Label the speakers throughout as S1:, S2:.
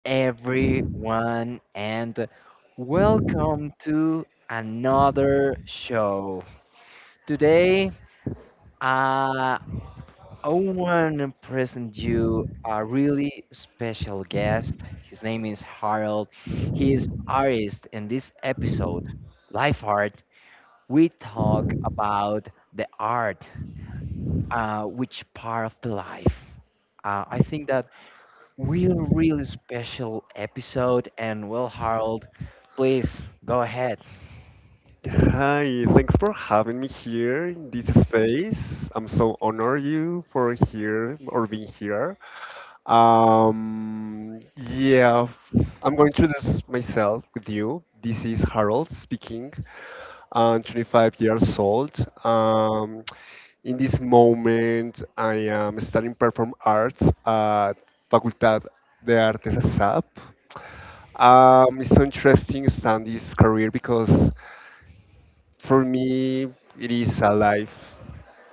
S1: everyone, and welcome to another show. Today, I want to present you a really special guest. His name is Harold. He is artist in this episode, Life Art. We talk about the art, which part of the life. I think that really special episode. And well, Harold, please go ahead.
S2: Hi, thanks for having me here in this space. I'm so honored you for here or being here. Um, yeah, I'm going to introduce myself with you. This is Harold speaking. I'm 25 years old. Um, in this moment, I am studying perform arts at Facultad de Artes ASAP. It's so interesting studying this career because for me, it is a life.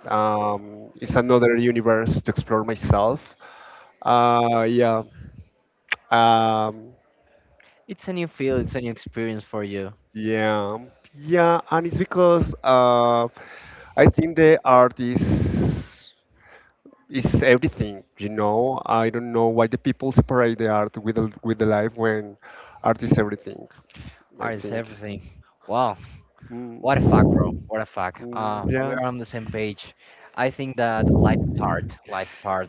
S2: It's another universe to explore myself. Uh, yeah. Um,
S1: It's a new field, it's a new experience for you.
S2: yeah. Yeah, and it's because I think the art is everything. You know, I don't know why the people separate the art with with the life when art is everything. I
S1: Art is
S2: think.
S1: everything. Wow,
S2: Mm.
S1: what a fuck, bro. What a fuck.
S2: Mm, yeah.
S1: We're on the same page. I think that life is hard. Life is hard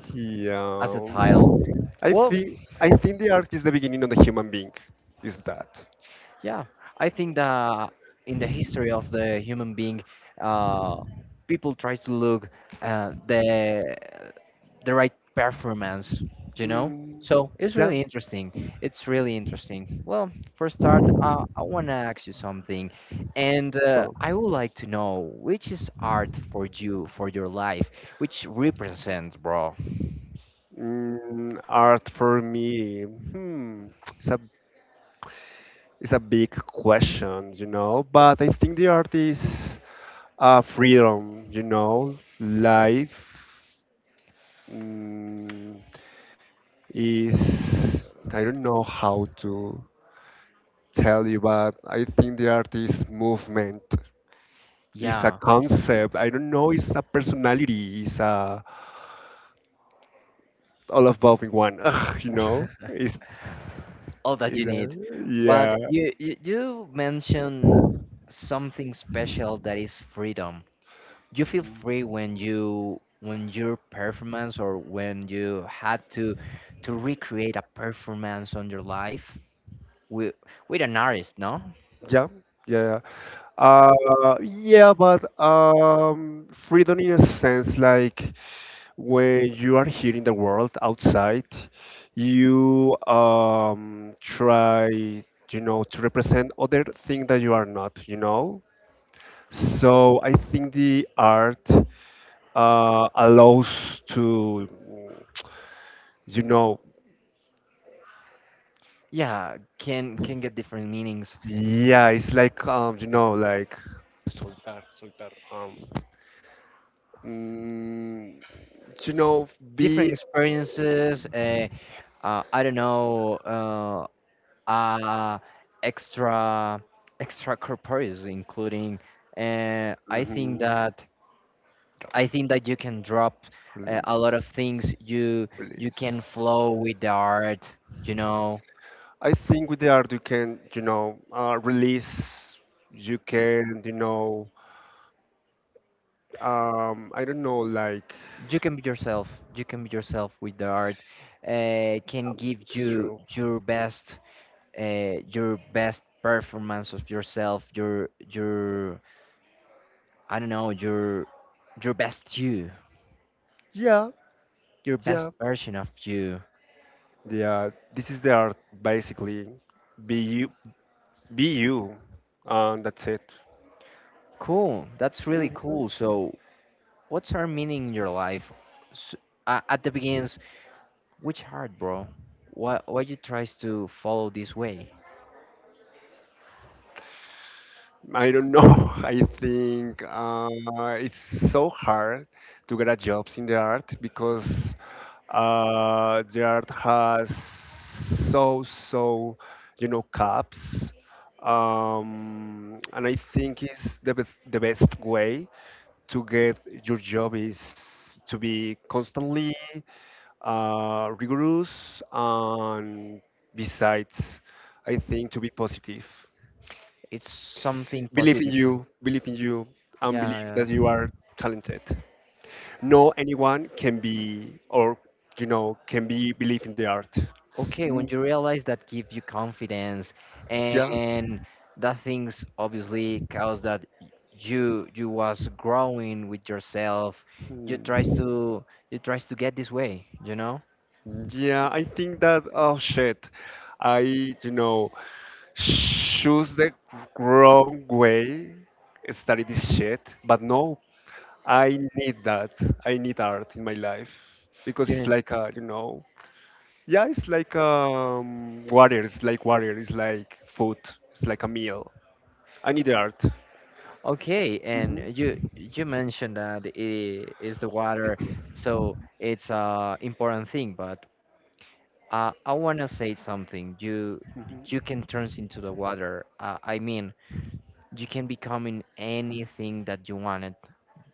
S1: as a
S2: Yeah,
S1: title. Well,
S2: I think the art is the beginning of the human being. Is that?
S1: yeah, I think that in the history of the human being, uh, people try to look uh, the the right performance, you know.
S2: Mm,
S1: So it's
S2: yeah.
S1: really interesting. It's really interesting. Well, for start, I want to ask you something, and
S2: So,
S1: I would like to know which is art for you, for your life, which represents, bro.
S2: mm, art for me, hmm, it's a it's a big question, you know. But I think the art is freedom, you know. Life mm, is I don't know how to tell you, but I think the artist movement is a
S1: Yeah.
S2: concept. I don't know, it's a personality, it's a all of both in one, you know?
S1: All that you
S2: It's
S1: need.
S2: a,
S1: But
S2: yeah.
S1: you mentioned something special that is freedom. You feel free when you when your performance or when you had to recreate a performance on your life with an artist, no?
S2: Yeah, yeah. yeah. Uh, yeah, but freedom in a sense like when you are here in the world outside, you try, you know, to represent other things that you are not, you know. So I think the art allows to, you know,
S1: Yeah, can get different meanings,
S2: yeah, it's like, you know, like soltar, soltar, mm, you know,
S1: different
S2: be
S1: experiences. I don't know. Uh, Extra extracorporeals, including. Uh, I think
S2: mhm,
S1: that I think that you can drop a
S2: release,
S1: lot of things. You
S2: release.
S1: can flow with the art. You know,
S2: I think with the art you can, you know, release. You can, you know, I don't know, like
S1: you can be yourself. You can be yourself with the art. Can give
S2: it's
S1: you
S2: true.
S1: your best your best performance of yourself. Your I don't know your best you.
S2: Yeah,
S1: Your best
S2: yeah,
S1: version of you.
S2: yeah. This is the art, basically. Be you, be you, and that's it.
S1: Cool. That's really
S2: Mm-hmm.
S1: cool. So, what's our meaning in your life? S At the beginnings, which heart, bro? Why you tries to follow this way?
S2: I don't know. I think it's so hard to get a jobs in the art because the art has so you know caps, and I think it's the best way to get your job is to be constantly rigorous and besides, I think to be positive.
S1: It's something positive for you.
S2: Believe in you, and
S1: Yeah,
S2: believe that you
S1: yeah.
S2: are talented. No anyone can be, or you know, can be believe in the art.
S1: Okay, when
S2: Mm,
S1: you realize that gives you confidence
S2: yeah.
S1: and that things obviously cause that you was growing with yourself, you tries
S2: Mm.
S1: to you tries to get this way, you know?
S2: Yeah, I think that, oh shit, I, you know, choose the wrong way, study this shit, but no, I need that. I need art in my life because
S1: You
S2: it's
S1: know,
S2: like a, you know, yeah, it's like water. It's like water. It's like food. It's like a meal. I need the art.
S1: okay, and
S2: Hmm
S1: you mentioned that it is the water, so it's a important thing. But I wanna say something. You can turn into the water. I mean, you can become in anything that you wanted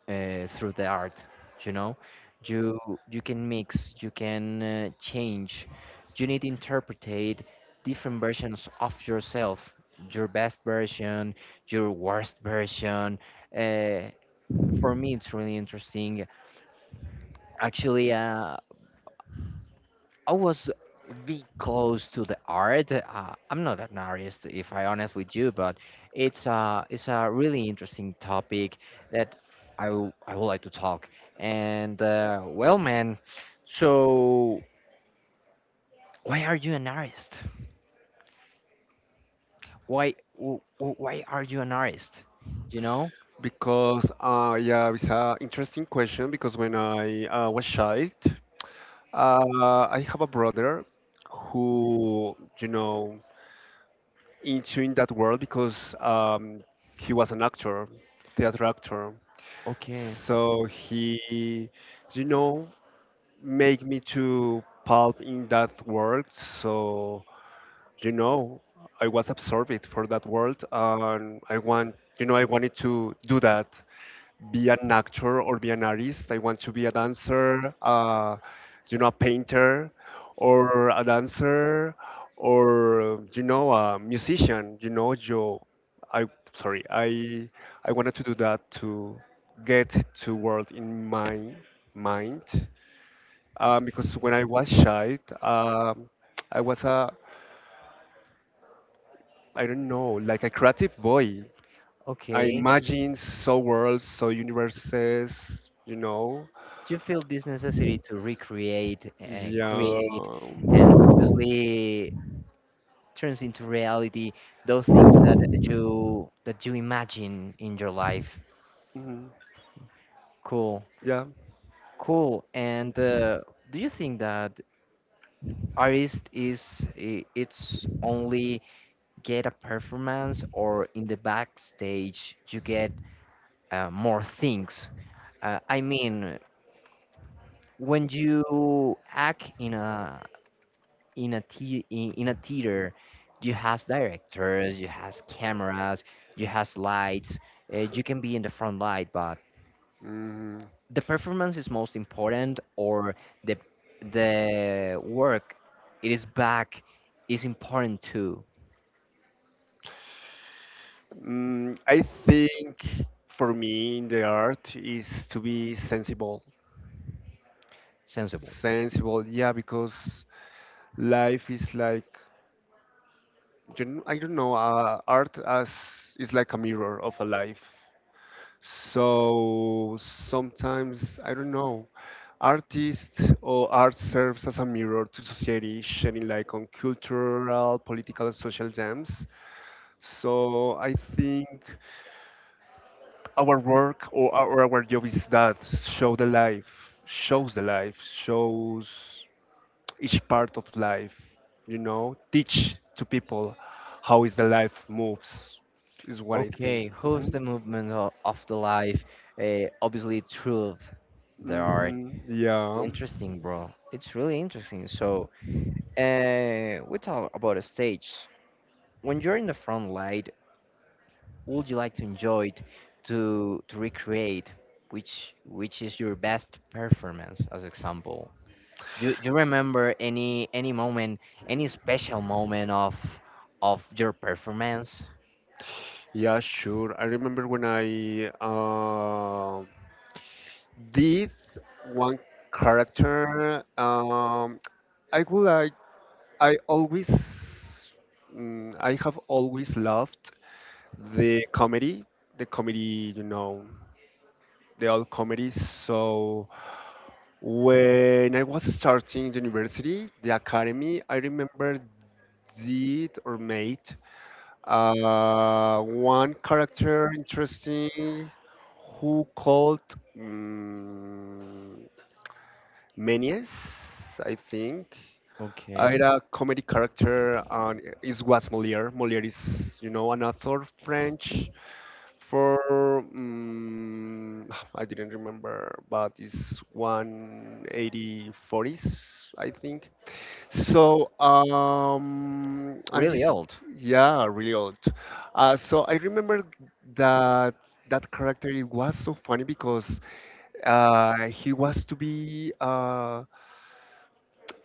S1: through the art. You know, you you can mix, you can change. You need to interpretate different versions of yourself, your best version, your worst version. Uh, for me, it's really interesting. Actually, I was be close to the art. I'm not an artist, if I honest with you, but it's a really interesting topic that I would like to talk. And well, man, so why are you an artist? Why are you an artist? You know?
S2: Because yeah, it's an interesting question. Because when I was child, I have a brother who you know into in that world because he was an actor, theater actor.
S1: Okay.
S2: So he, you know, make me to pulp in that world. So, you know, I was absorbed for that world and I want, you know, I wanted to do that be an actor or be an artist. I want to be a dancer, you know, a painter, or a dancer, or you know, a musician. You know, you, I sorry, I wanted to do that to get to world in my mind, because when I was child, I was a I don't know, like a creative boy. I
S1: Okay.
S2: imagined so worlds, so universes, you know,
S1: You feel this necessity to recreate,
S2: Yeah.
S1: create, and obviously turns into reality those things that you imagine in your life.
S2: Mhm.
S1: Cool,
S2: Yeah.
S1: cool. And do you think that artist is it's only get a performance, or in the backstage you get more things? I mean, when you act in a in a theater, you has directors, you has cameras, you has lights, you can be in the front light, but
S2: Mhm.
S1: the performance is most important, or the work it is back is important too.
S2: Mm, I think for me, the art is to be sensible.
S1: Sensible.
S2: Sensible, yeah, because life is like, you kn- I don't know, art as is like a mirror of a life. So sometimes, I don't know, artists or art serves as a mirror to society, shedding light on cultural, political, and social themes. So I think our work or our job is that show the life, shows each part of life, you know, teach to people how is the life moves is what I think.
S1: Okay, who's
S2: Hmm
S1: the movement of the life, obviously truth, there are
S2: hmm Yeah,
S1: interesting, bro. It's really interesting. So we talk about a stage. When you're in the front light, would you like to enjoy it, to recreate? Which is your best performance, as example? Do you remember any moment, any special moment of your performance?
S2: yeah, sure. I remember when I did one character. I would like I always, I have always loved the comedy, you know, the old comedy. So when I was starting university, the academy, I remember did or made one character interesting who called mm Menes, I think. I
S1: Okay,
S2: had a comedy character, and it was Molière. Molière is, you know, an author, French, for I didn't remember, but it's 18040s, I think. So, um, and
S1: really
S2: this,
S1: old.
S2: yeah, really old. So I remember that that character. It was so funny because he was to be.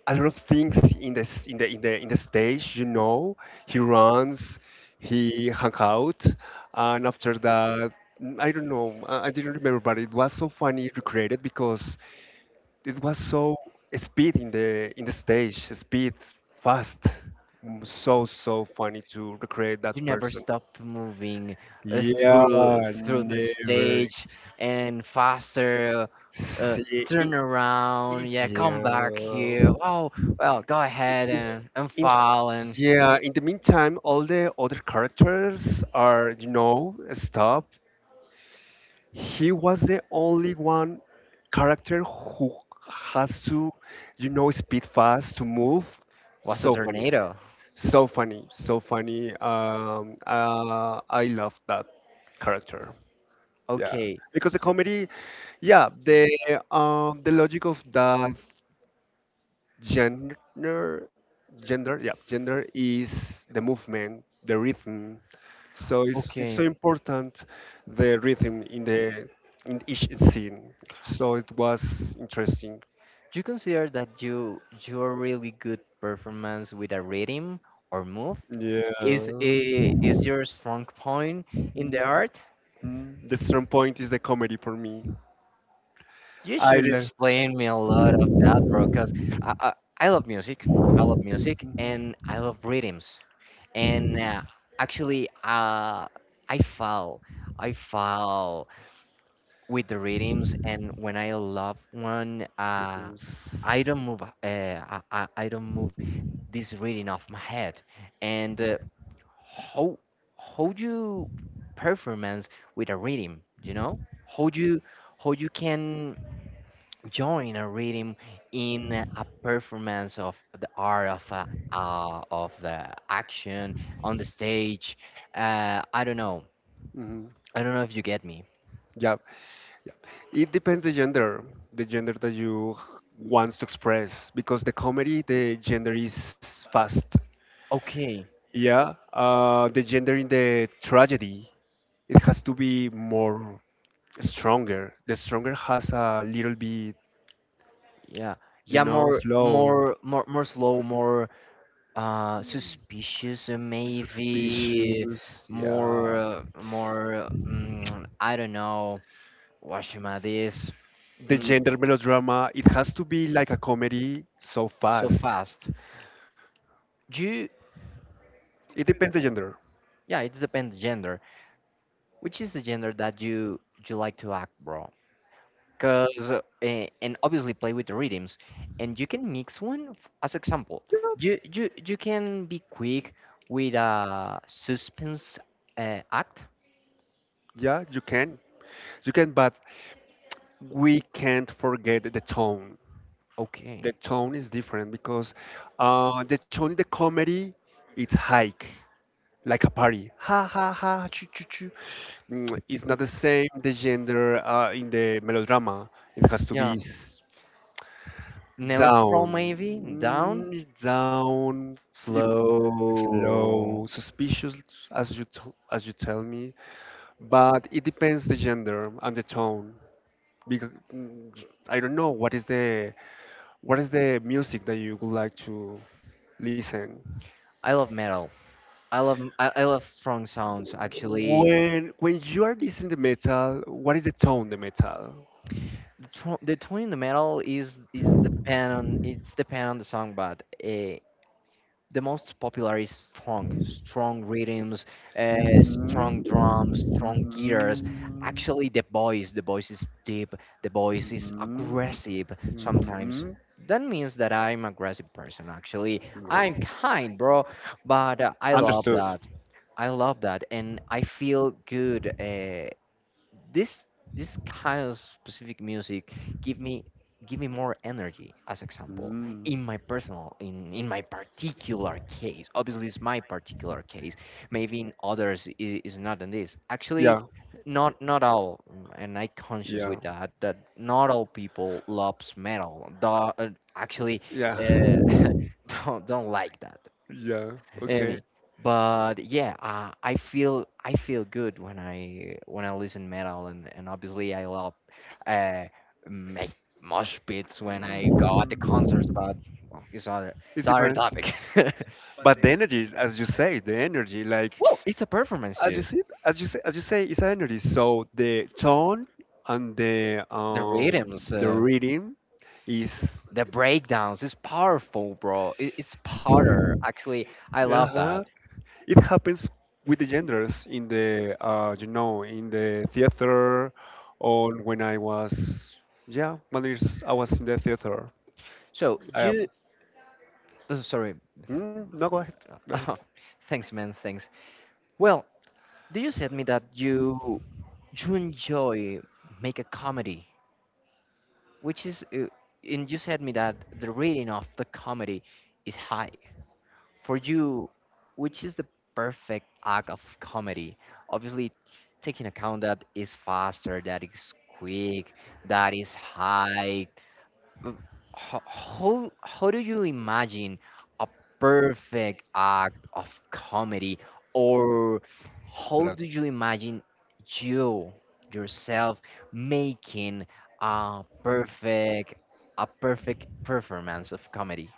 S2: A lot of things in the in the stage. You know, he runs, he hung out, and after that, mm, I don't know. I didn't remember, but it was so funny recreated because it was so speed in the stage, speed fast. Mm, so so funny to recreate that
S1: You never
S2: person.
S1: stopped moving
S2: Yeah,
S1: through the
S2: never
S1: stage and faster. Uh,
S2: see.
S1: turn around. Yeah, come back
S2: Yeah.
S1: here. Oh, well, go ahead
S2: In,
S1: and
S2: in,
S1: fall and.
S2: yeah, in the meantime, all the other characters are, you know, stopped. He was the only one character who has to, you know, speed fast to move.
S1: Was a
S2: So funny,
S1: tornado.
S2: so funny, so funny. I love that character. Yeah,
S1: Okay,
S2: because the comedy, yeah, the logic of that gender gender yeah gender is the movement the rhythm so it's
S1: okay.
S2: so
S1: Do
S2: important the rhythm in the in each scene so it was interesting
S1: you consider that your really good performance with a rhythm or move
S2: yeah.
S1: is
S2: Mhm.
S1: is your strong point in the art?
S2: Mhm. The strong point is the comedy for me.
S1: You
S2: I
S1: should
S2: love
S1: explain me a lot of that, bro. Cause I love music. I love music and I love rhythms. And actually, uh, I fall. I fall with the rhythms, and when I love one
S2: rhythms.
S1: I don't move I don't move this rhythm off my head. And how you performance with a rhythm, you know, how you how you can join a rhythm in a performance of the art of the action on the stage. I don't know.
S2: Hmm
S1: I don't know if you get me.
S2: Yeah, it depends the gender that you wants to express, because the comedy, the gender is fast.
S1: Okay.
S2: Yeah, the gender in the tragedy, it has to be more stronger. The stronger has a little bit,
S1: Yeah. Yeah,
S2: you know, slow,
S1: more slow, more suspicious, maybe
S2: suspicious. Yeah.
S1: more more mm, I don't know what should I this.
S2: The
S1: Mm,
S2: gender melodrama, it has to be like a comedy so
S1: so
S2: fast.
S1: fast. Do you,
S2: It depends the gender.
S1: yeah, it's depends gender. Which is the gender that you like to act, bro? Cause eh, and obviously play with the rhythms, and you can mix one. As example,
S2: Yeah,
S1: you can be quick with a suspense act.
S2: yeah, you can. You can, but we can't forget the tone.
S1: Okay.
S2: The tone is different because the tone in the comedy, it's high. Like a party. Ha ha ha, choo choo choo. Mm, it's not the same the gender in the melodrama. It has to
S1: Yeah.
S2: be s-
S1: Neutral
S2: down,
S1: maybe down.
S2: mm, down. It
S1: Slow.
S2: slow, suspicious, as you t- as you tell me. But it depends the gender and the tone. Because mm, I don't know what is the music that you would like to listen.
S1: I love metal. I love strong sounds, actually.
S2: When you are listening to metal, what is the tone the metal?
S1: The, tone in the metal is depend on it's depend on the song, but the most popular is strong, strong rhythms,
S2: Mhm.
S1: strong drums, strong guitars.
S2: Mhm.
S1: Actually, the voice is deep, the voice is
S2: Mhm.
S1: aggressive sometimes. That means that I'm aggressive person. Actually,
S2: Mhm.
S1: I'm kind, bro. But I love
S2: Understood.
S1: that. I love that, and I feel good. This this kind of specific music give me more energy, as example,
S2: Mm.
S1: in my personal in my particular case. Obviously it's my particular case, maybe in others is not in this. Actually
S2: Yeah.
S1: not not all mm, and I conscious
S2: Yeah.
S1: with that, that not all people loves metal. Tho- actually
S2: Yeah.
S1: uh, don't like that
S2: Yeah. Okay.
S1: any. But yeah, I feel good when I listen metal, and obviously I love uh, make mosh pits when I go at the concerts,
S2: Mhm.
S1: but well, it's other
S2: It's different.
S1: topic. Well,
S2: But the energy, as you say, the energy, like
S1: it's a performance
S2: as you
S1: too.
S2: see, as you say, it's energy. So the tone and
S1: The rhythms,
S2: the reading is.
S1: the breakdowns, it's powerful, bro. It, it's power. Actually, I
S2: Uh
S1: love
S2: huh.
S1: that.
S2: It happens with the genders in the you know in the theater or when I was yeah when it's- I was in the theater.
S1: So
S2: I
S1: you, sorry,
S2: no go ahead go ahead.
S1: thanks, man, thanks. Well, do you said me that you enjoy make a comedy, which is, and you said me that the rating of the comedy is high for you, which is the perfect act of comedy. Obviously, taking account that is faster, that is quick, that is high, uh, how do you imagine a perfect act of comedy, or how do
S2: Relax.
S1: you imagine you yourself making a perfect performance of comedy?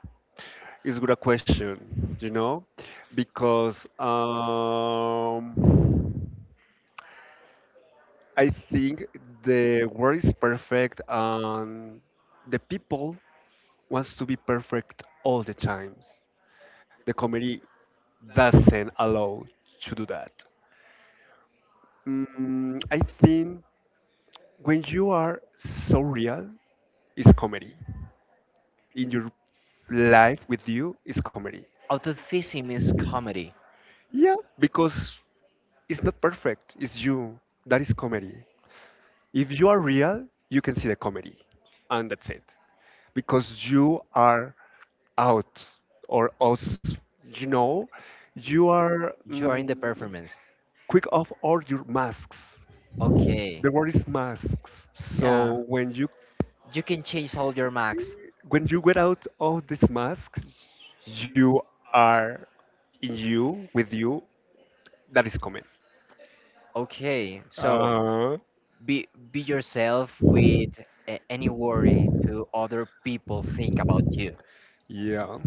S2: It's a good question, you know, because I think the world is perfect and the people wants to be perfect all the times. The comedy doesn't allow to do that. Mm, I think when you are so real, it's comedy. In your life with you, it's comedy.
S1: Authenticity is comedy.
S2: Yeah, because it's not perfect. It's you. That is comedy. If you are real, you can see the comedy, and that's it. Because you are out or us, you know, you are
S1: You are in the
S2: mm,
S1: performance.
S2: quick off all your masks.
S1: Okay.
S2: The word is masks.
S1: Yeah.
S2: So
S1: You can change all your max.
S2: when you get out of this mask, you are in you with you that is comedy.
S1: Okay. So
S2: Uh,
S1: be yourself with any worry to other people think about you.
S2: yeah,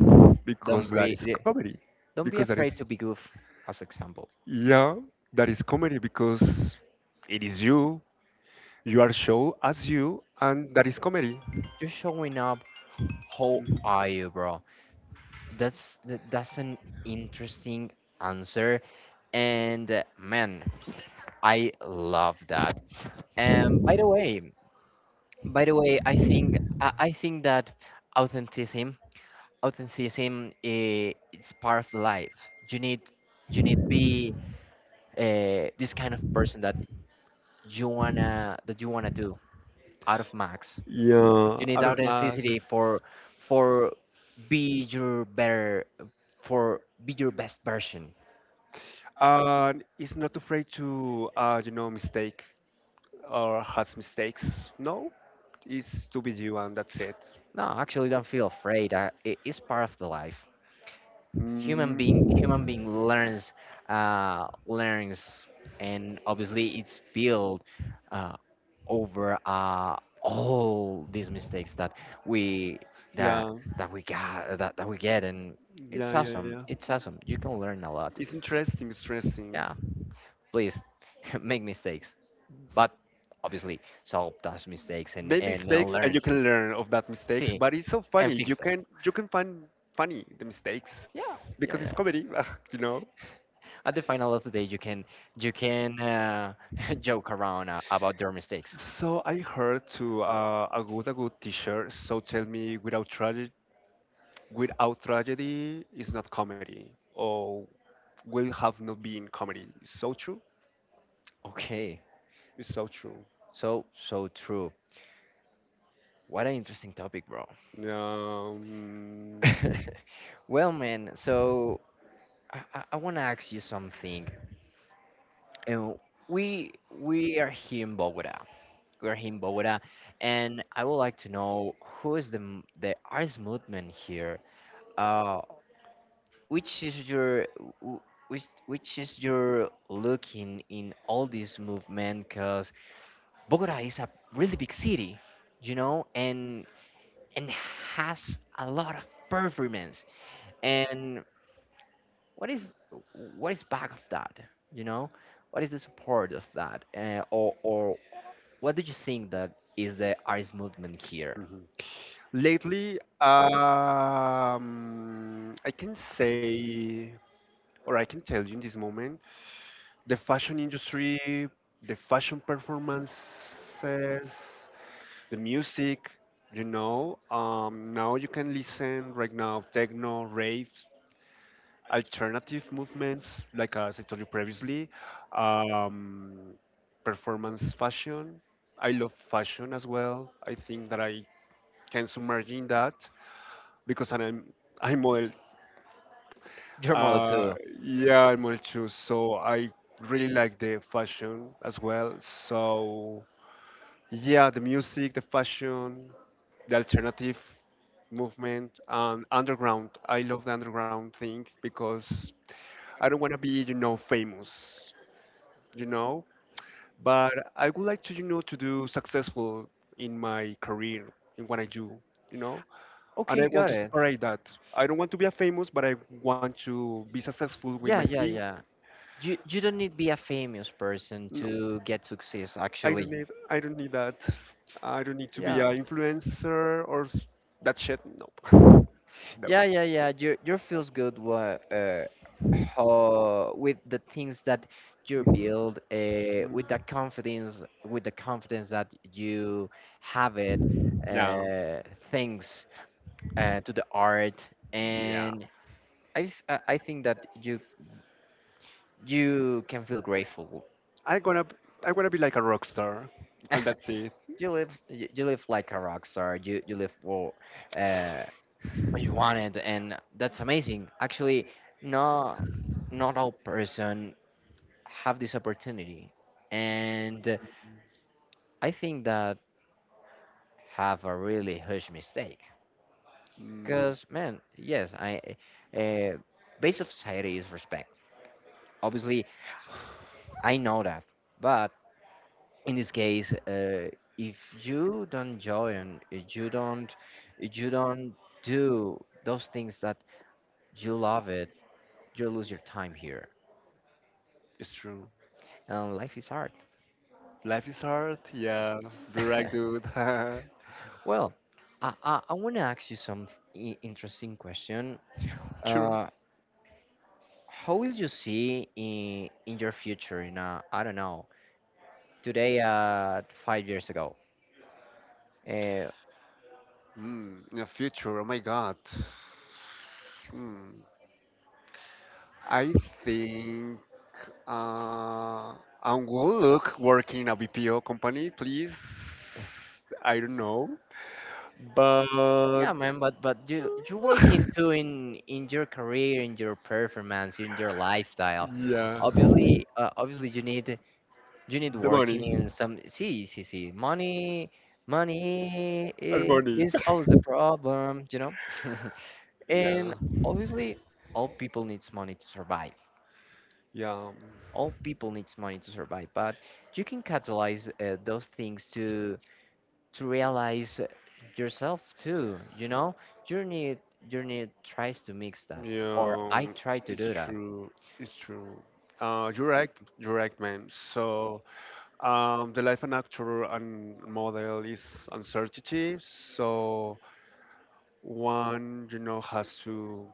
S1: Don't
S2: because that
S1: be
S2: is
S1: eh,
S2: comedy.
S1: don't
S2: Because
S1: be
S2: that is
S1: afraid to be goof, as example.
S2: yeah, that is comedy because it is you. You are show as you, and that is comedy.
S1: You're showing up how are you, bro. That's that's an interesting answer. And man, I love that. And by the way, I think I think that authenticity authenticity it's part of life. You need be this kind of person that you wanna do out of max.
S2: Yeah,
S1: You need
S2: out of mask.
S1: authenticity for for be your better, for be your best version.
S2: And it's not afraid to you know mistake or has mistakes. No, it's to be you, and that's it.
S1: No, actually, don't feel afraid. It is part of the life.
S2: Mm.
S1: Human being learns learns, and obviously it's built uh, over all these mistakes that we that
S2: Yeah,
S1: that we get. And it's
S2: yeah, yeah, yeah.
S1: awesome, it's awesome, you can learn a lot.
S2: It's interesting, stressing.
S1: Yeah, please, make mistakes, but obviously solve those mistakes and
S2: Make mistakes and
S1: learn.
S2: you can learn of that mistakes,
S1: See
S2: but it's so
S1: and
S2: funny.
S1: fix that.
S2: You can find funny the mistakes because
S1: Yeah,
S2: it's
S1: yeah.
S2: comedy, you know.
S1: At the final of the day, you can you can uh, joke around about their mistakes.
S2: So I heard to a good teacher. So tell me, without tragedy, without tragedy is not comedy, or will have not been comedy. So true.
S1: Okay,
S2: It's so true.
S1: so so true. What an interesting topic, bro.
S2: Yeah, um,
S1: Well, man, so I want to ask you something. And we are here in Bogota. We're here in Bogota. And I would like to know who is the artist movement here. uh which is your w- which is your looking in all this movement? 'Cause Bogota is a really big city, you know, and and has a lot of performance. And what is back of that? You know, what is the support of that? Or what do you think that is the artist movement here?
S2: lately, I can say, or I can tell you in this moment, the fashion industry, the fashion performances, the music, you know, now you can listen right now techno, rave, alternative movements, like as I told you previously, um, performance fashion. I love fashion as well. I think that I can submerge in that. Because I'm model.
S1: Your model
S2: Uh,
S1: too.
S2: yeah, I'm model too. So I really like the fashion as well. So yeah, the music, the fashion, the alternative movement, and underground. I love the underground thing because I don't want to be, you know, famous, you know. But I would like to, to do successful in my career in what I do, you know. And
S1: Okay,
S2: I want
S1: got
S2: to
S1: it.
S2: separate that. I don't want to be a famous, but I want to be successful with my
S1: Yeah, yeah,
S2: things.
S1: yeah. You don't need to be a famous person
S2: No,
S1: to get success.
S2: I don't
S1: Actually,
S2: need. I don't need that. I don't need to be
S1: yeah.
S2: an influencer or that shit. No, no.
S1: Yeah, yeah, yeah. Your feels good how with the things that you
S2: Mhm.
S1: build,
S2: Mm.
S1: with the confidence that you have it,
S2: Yeah,
S1: uh, thanks to the art,
S2: yeah.
S1: and I, th- I think that you can feel grateful.
S2: I gonna. b- I wanna be like a rock star, and that's it.
S1: You live you live like a rock star. You live for uh, what you wanted, and that's amazing. Actually, no, not all person have this opportunity. And I think that have a really huge mistake.
S2: Mm,
S1: Because, man, yes, I uh, base of society is respect. Obviously, I know that. But in this case, if you don't join, if you don't do those things that you love it, you lose your time here.
S2: it's true.
S1: And life is hard.
S2: Life is hard. Yeah, be are right, dude.
S1: well, I want to ask you some interesting question.
S2: Sure.
S1: Uh, How will you see in your future in I don't know today 5 years ago? Uh,
S2: Mm, in the future, oh my God. Hmm. I think uh, I will look working in a BPO company, please. I don't know, but
S1: yeah, man. But you you working too in your career, in your performance, in your lifestyle.
S2: yeah,
S1: Obviously, obviously you need
S2: the
S1: working
S2: money
S1: in some. See see see money. Money
S2: the
S1: i-
S2: money.
S1: is always the problem, you know. and
S2: Yeah,
S1: obviously, all people needs money to survive.
S2: yeah,
S1: All people needs money to survive, but you can catalyze those things to realize yourself too, you know. Journey, journey tries to mix that, or
S2: yeah.
S1: I try to
S2: It's
S1: do that
S2: true. It's true. You're right. You're right, man. So. The life of an actor and model is uncertainty, so one, you know, has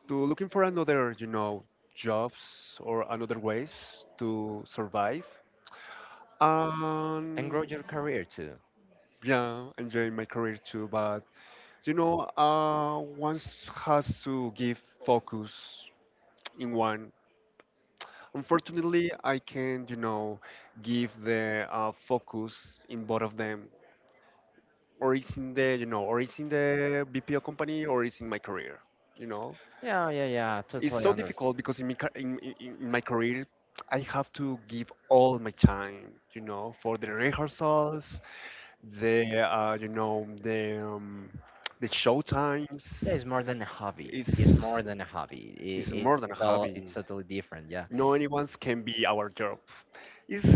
S2: to looking for another, you know, jobs or another ways to survive.
S1: and
S2: And
S1: grow your career too.
S2: yeah, enjoying my career too, but you know, one has to give focus in one. Unfortunately, I can, you know, give the focus in both of them or it's in the you know or it's in the BPO company or it's in my career, you know.
S1: Yeah, yeah, yeah,
S2: It's
S1: totally
S2: so
S1: understand.
S2: difficult because in my, in my career I have to give all my time, you know, for the rehearsals, the you know, the show
S1: Yeah,
S2: times.
S1: it's more than a hobby. It's more
S2: is
S1: than a hobby.
S2: is
S1: It,
S2: more than
S1: it's
S2: a
S1: all,
S2: hobby.
S1: it's totally different. Yeah.
S2: No one's can be our job. it's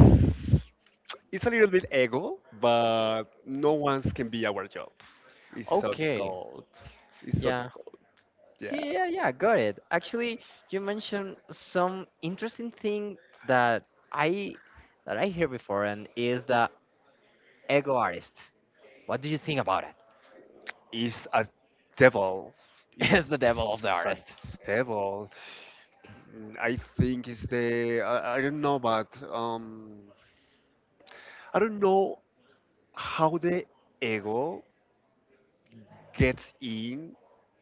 S2: It's a little bit ego, but no one's can be our job. It's so
S1: Okay.
S2: difficult. It's so
S1: Yeah.
S2: difficult.
S1: Yeah,
S2: Yeah.
S1: yeah, yeah, got it. Actually, you mentioned some interesting thing that I I hear before, and is the ego artist. What do you think about it?
S2: It's a devil.
S1: Is the
S2: It's
S1: devil of the
S2: a
S1: artist?
S2: devil. Mm, I think it's the I don't know, but I don't know how the ego gets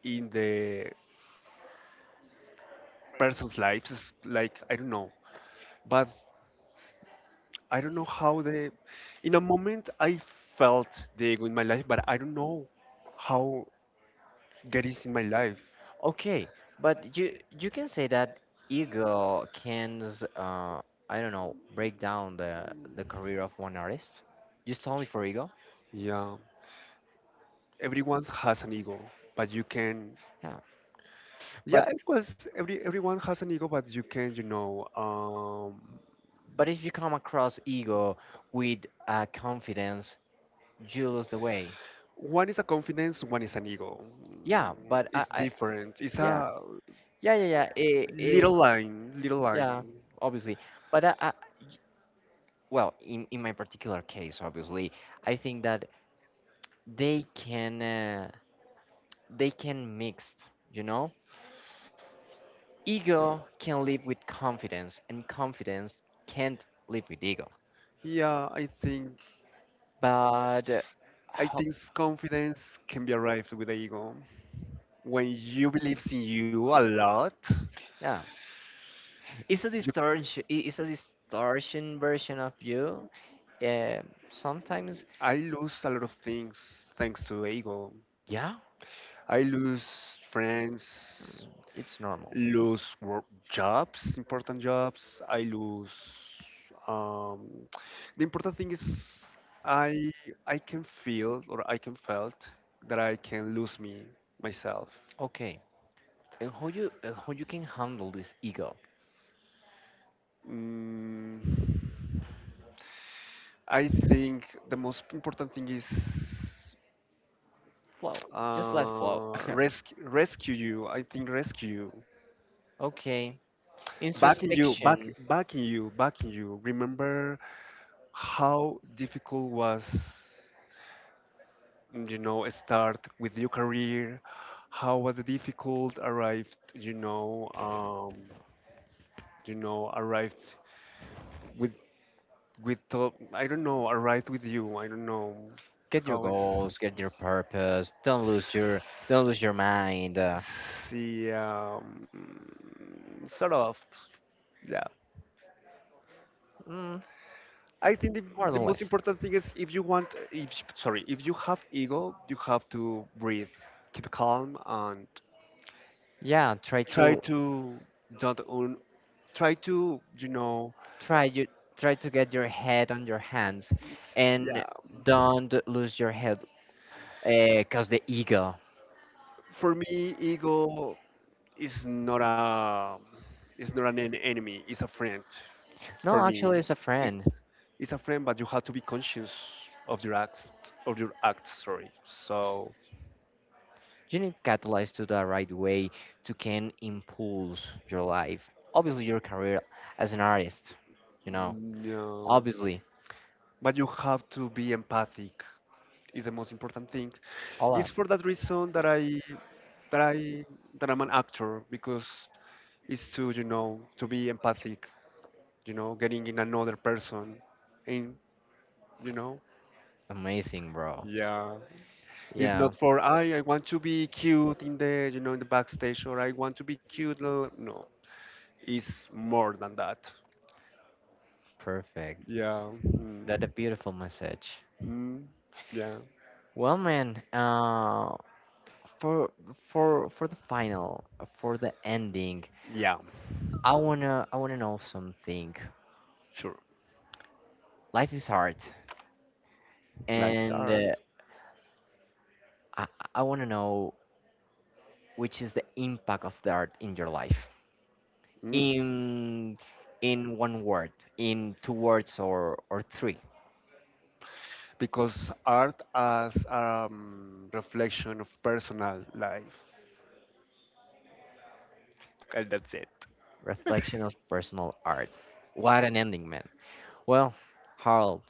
S2: in the person's lives. It's like I don't know, but I don't know how the in a moment I felt the ego in my life, but I don't know how that is in my life.
S1: Okay, but you can say that ego can uh I don't know break down the career of one artist just only for ego.
S2: Yeah, everyone has an ego, but you can.
S1: Yeah,
S2: Yeah,
S1: but
S2: because everyone has an ego, but you can. You know,
S1: but if you come across ego with confidence, you lose the way.
S2: one is a confidence, one is an ego.
S1: Yeah,
S2: Mm,
S1: but
S2: it's
S1: I
S2: different. It's
S1: Yeah.
S2: a
S1: Yeah, yeah, yeah,
S2: little line, little
S1: yeah,
S2: line.
S1: obviously. But well, in my particular case, obviously, I think that they can uh, they can mixed. You know? Ego can live with confidence, and confidence can't live with ego.
S2: Yeah,
S1: But
S2: I
S1: ho-
S2: think confidence can be arrived with the ego. When you believes in you a lot,
S1: yeah, it's a distortion. It's a distortion version of you. Um, sometimes,
S2: I lose a lot of things thanks to ego.
S1: yeah,
S2: I lose friends,
S1: it's normal.
S2: lose work jobs, important jobs. I lose. Um, the important thing is I I can feel or I can felt that I can lose me myself.
S1: Okay. And how you can handle this ego.
S2: Mm, I think the most important thing is
S1: Flow, just let flow.
S2: rescue you. I think rescue you,
S1: okay, introspection,
S2: backing you, backing you. Remember how difficult was, you know, start with your career. How was it difficult? Arrived, you know, arrived with with top. I don't know. Arrived with you. I don't know
S1: get your
S2: how is.
S1: goals, get your purpose. Don't lose your, don't lose your mind,
S2: See, sort of, yeah.
S1: mm,
S2: I think
S1: more
S2: the
S1: than
S2: most
S1: less.
S2: important thing is if you want, if sorry, if you have ego, you have to breathe, keep calm, and
S1: Yeah, try
S2: try
S1: to,
S2: to don't own, try to you know,
S1: try you try to get your head on your hands
S2: it's- yeah.
S1: and don't lose your head because the ego,
S2: For me, ego is not a, is not an enemy. It's a friend for
S1: no,
S2: me.
S1: actually it's a friend.
S2: It's a friend, but you have to be conscious of your acts, of your acts. Sorry. So,
S1: You need catalyze to the right way to can impulse your life. Obviously, your career as an artist, you know,
S2: no.
S1: obviously,
S2: But you have to be empathic. Is the most important thing.
S1: a
S2: It's
S1: lot.
S2: for that reason that that I I'm an actor because it's to you know to be empathic. You know, getting in another person, and you know,
S1: Amazing, bro.
S2: yeah. It's
S1: Yeah,
S2: not for I want to be cute in the you know in the backstage or I want to be cute. No, no, it's more than that.
S1: perfect.
S2: Yeah. Mm.
S1: That's a beautiful message.
S2: Mm. Yeah.
S1: Well, man, for for the final, for the ending,
S2: Yeah.
S1: I wanna know something.
S2: Sure.
S1: Life is art,
S2: Life's
S1: and
S2: art.
S1: I I wanna know which is the impact of the art in your life.
S2: Mm.
S1: in in one word, in two words or three.
S2: Because art as a reflection of personal life. And that's it.
S1: Reflection of personal art. What an ending, man. Well, Harold,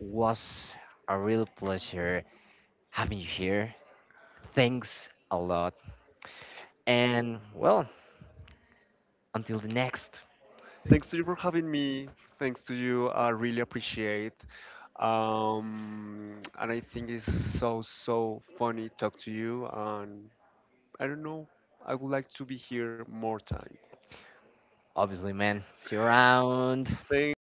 S1: was a real pleasure having you here. Thanks a lot. And well, until the next,
S2: Thanks to you for having me. Thanks to you. I really appreciate. And I think it's so so funny talk to you. And I don't know. I would like to be here more time.
S1: obviously, man. See you around.
S2: Thanks.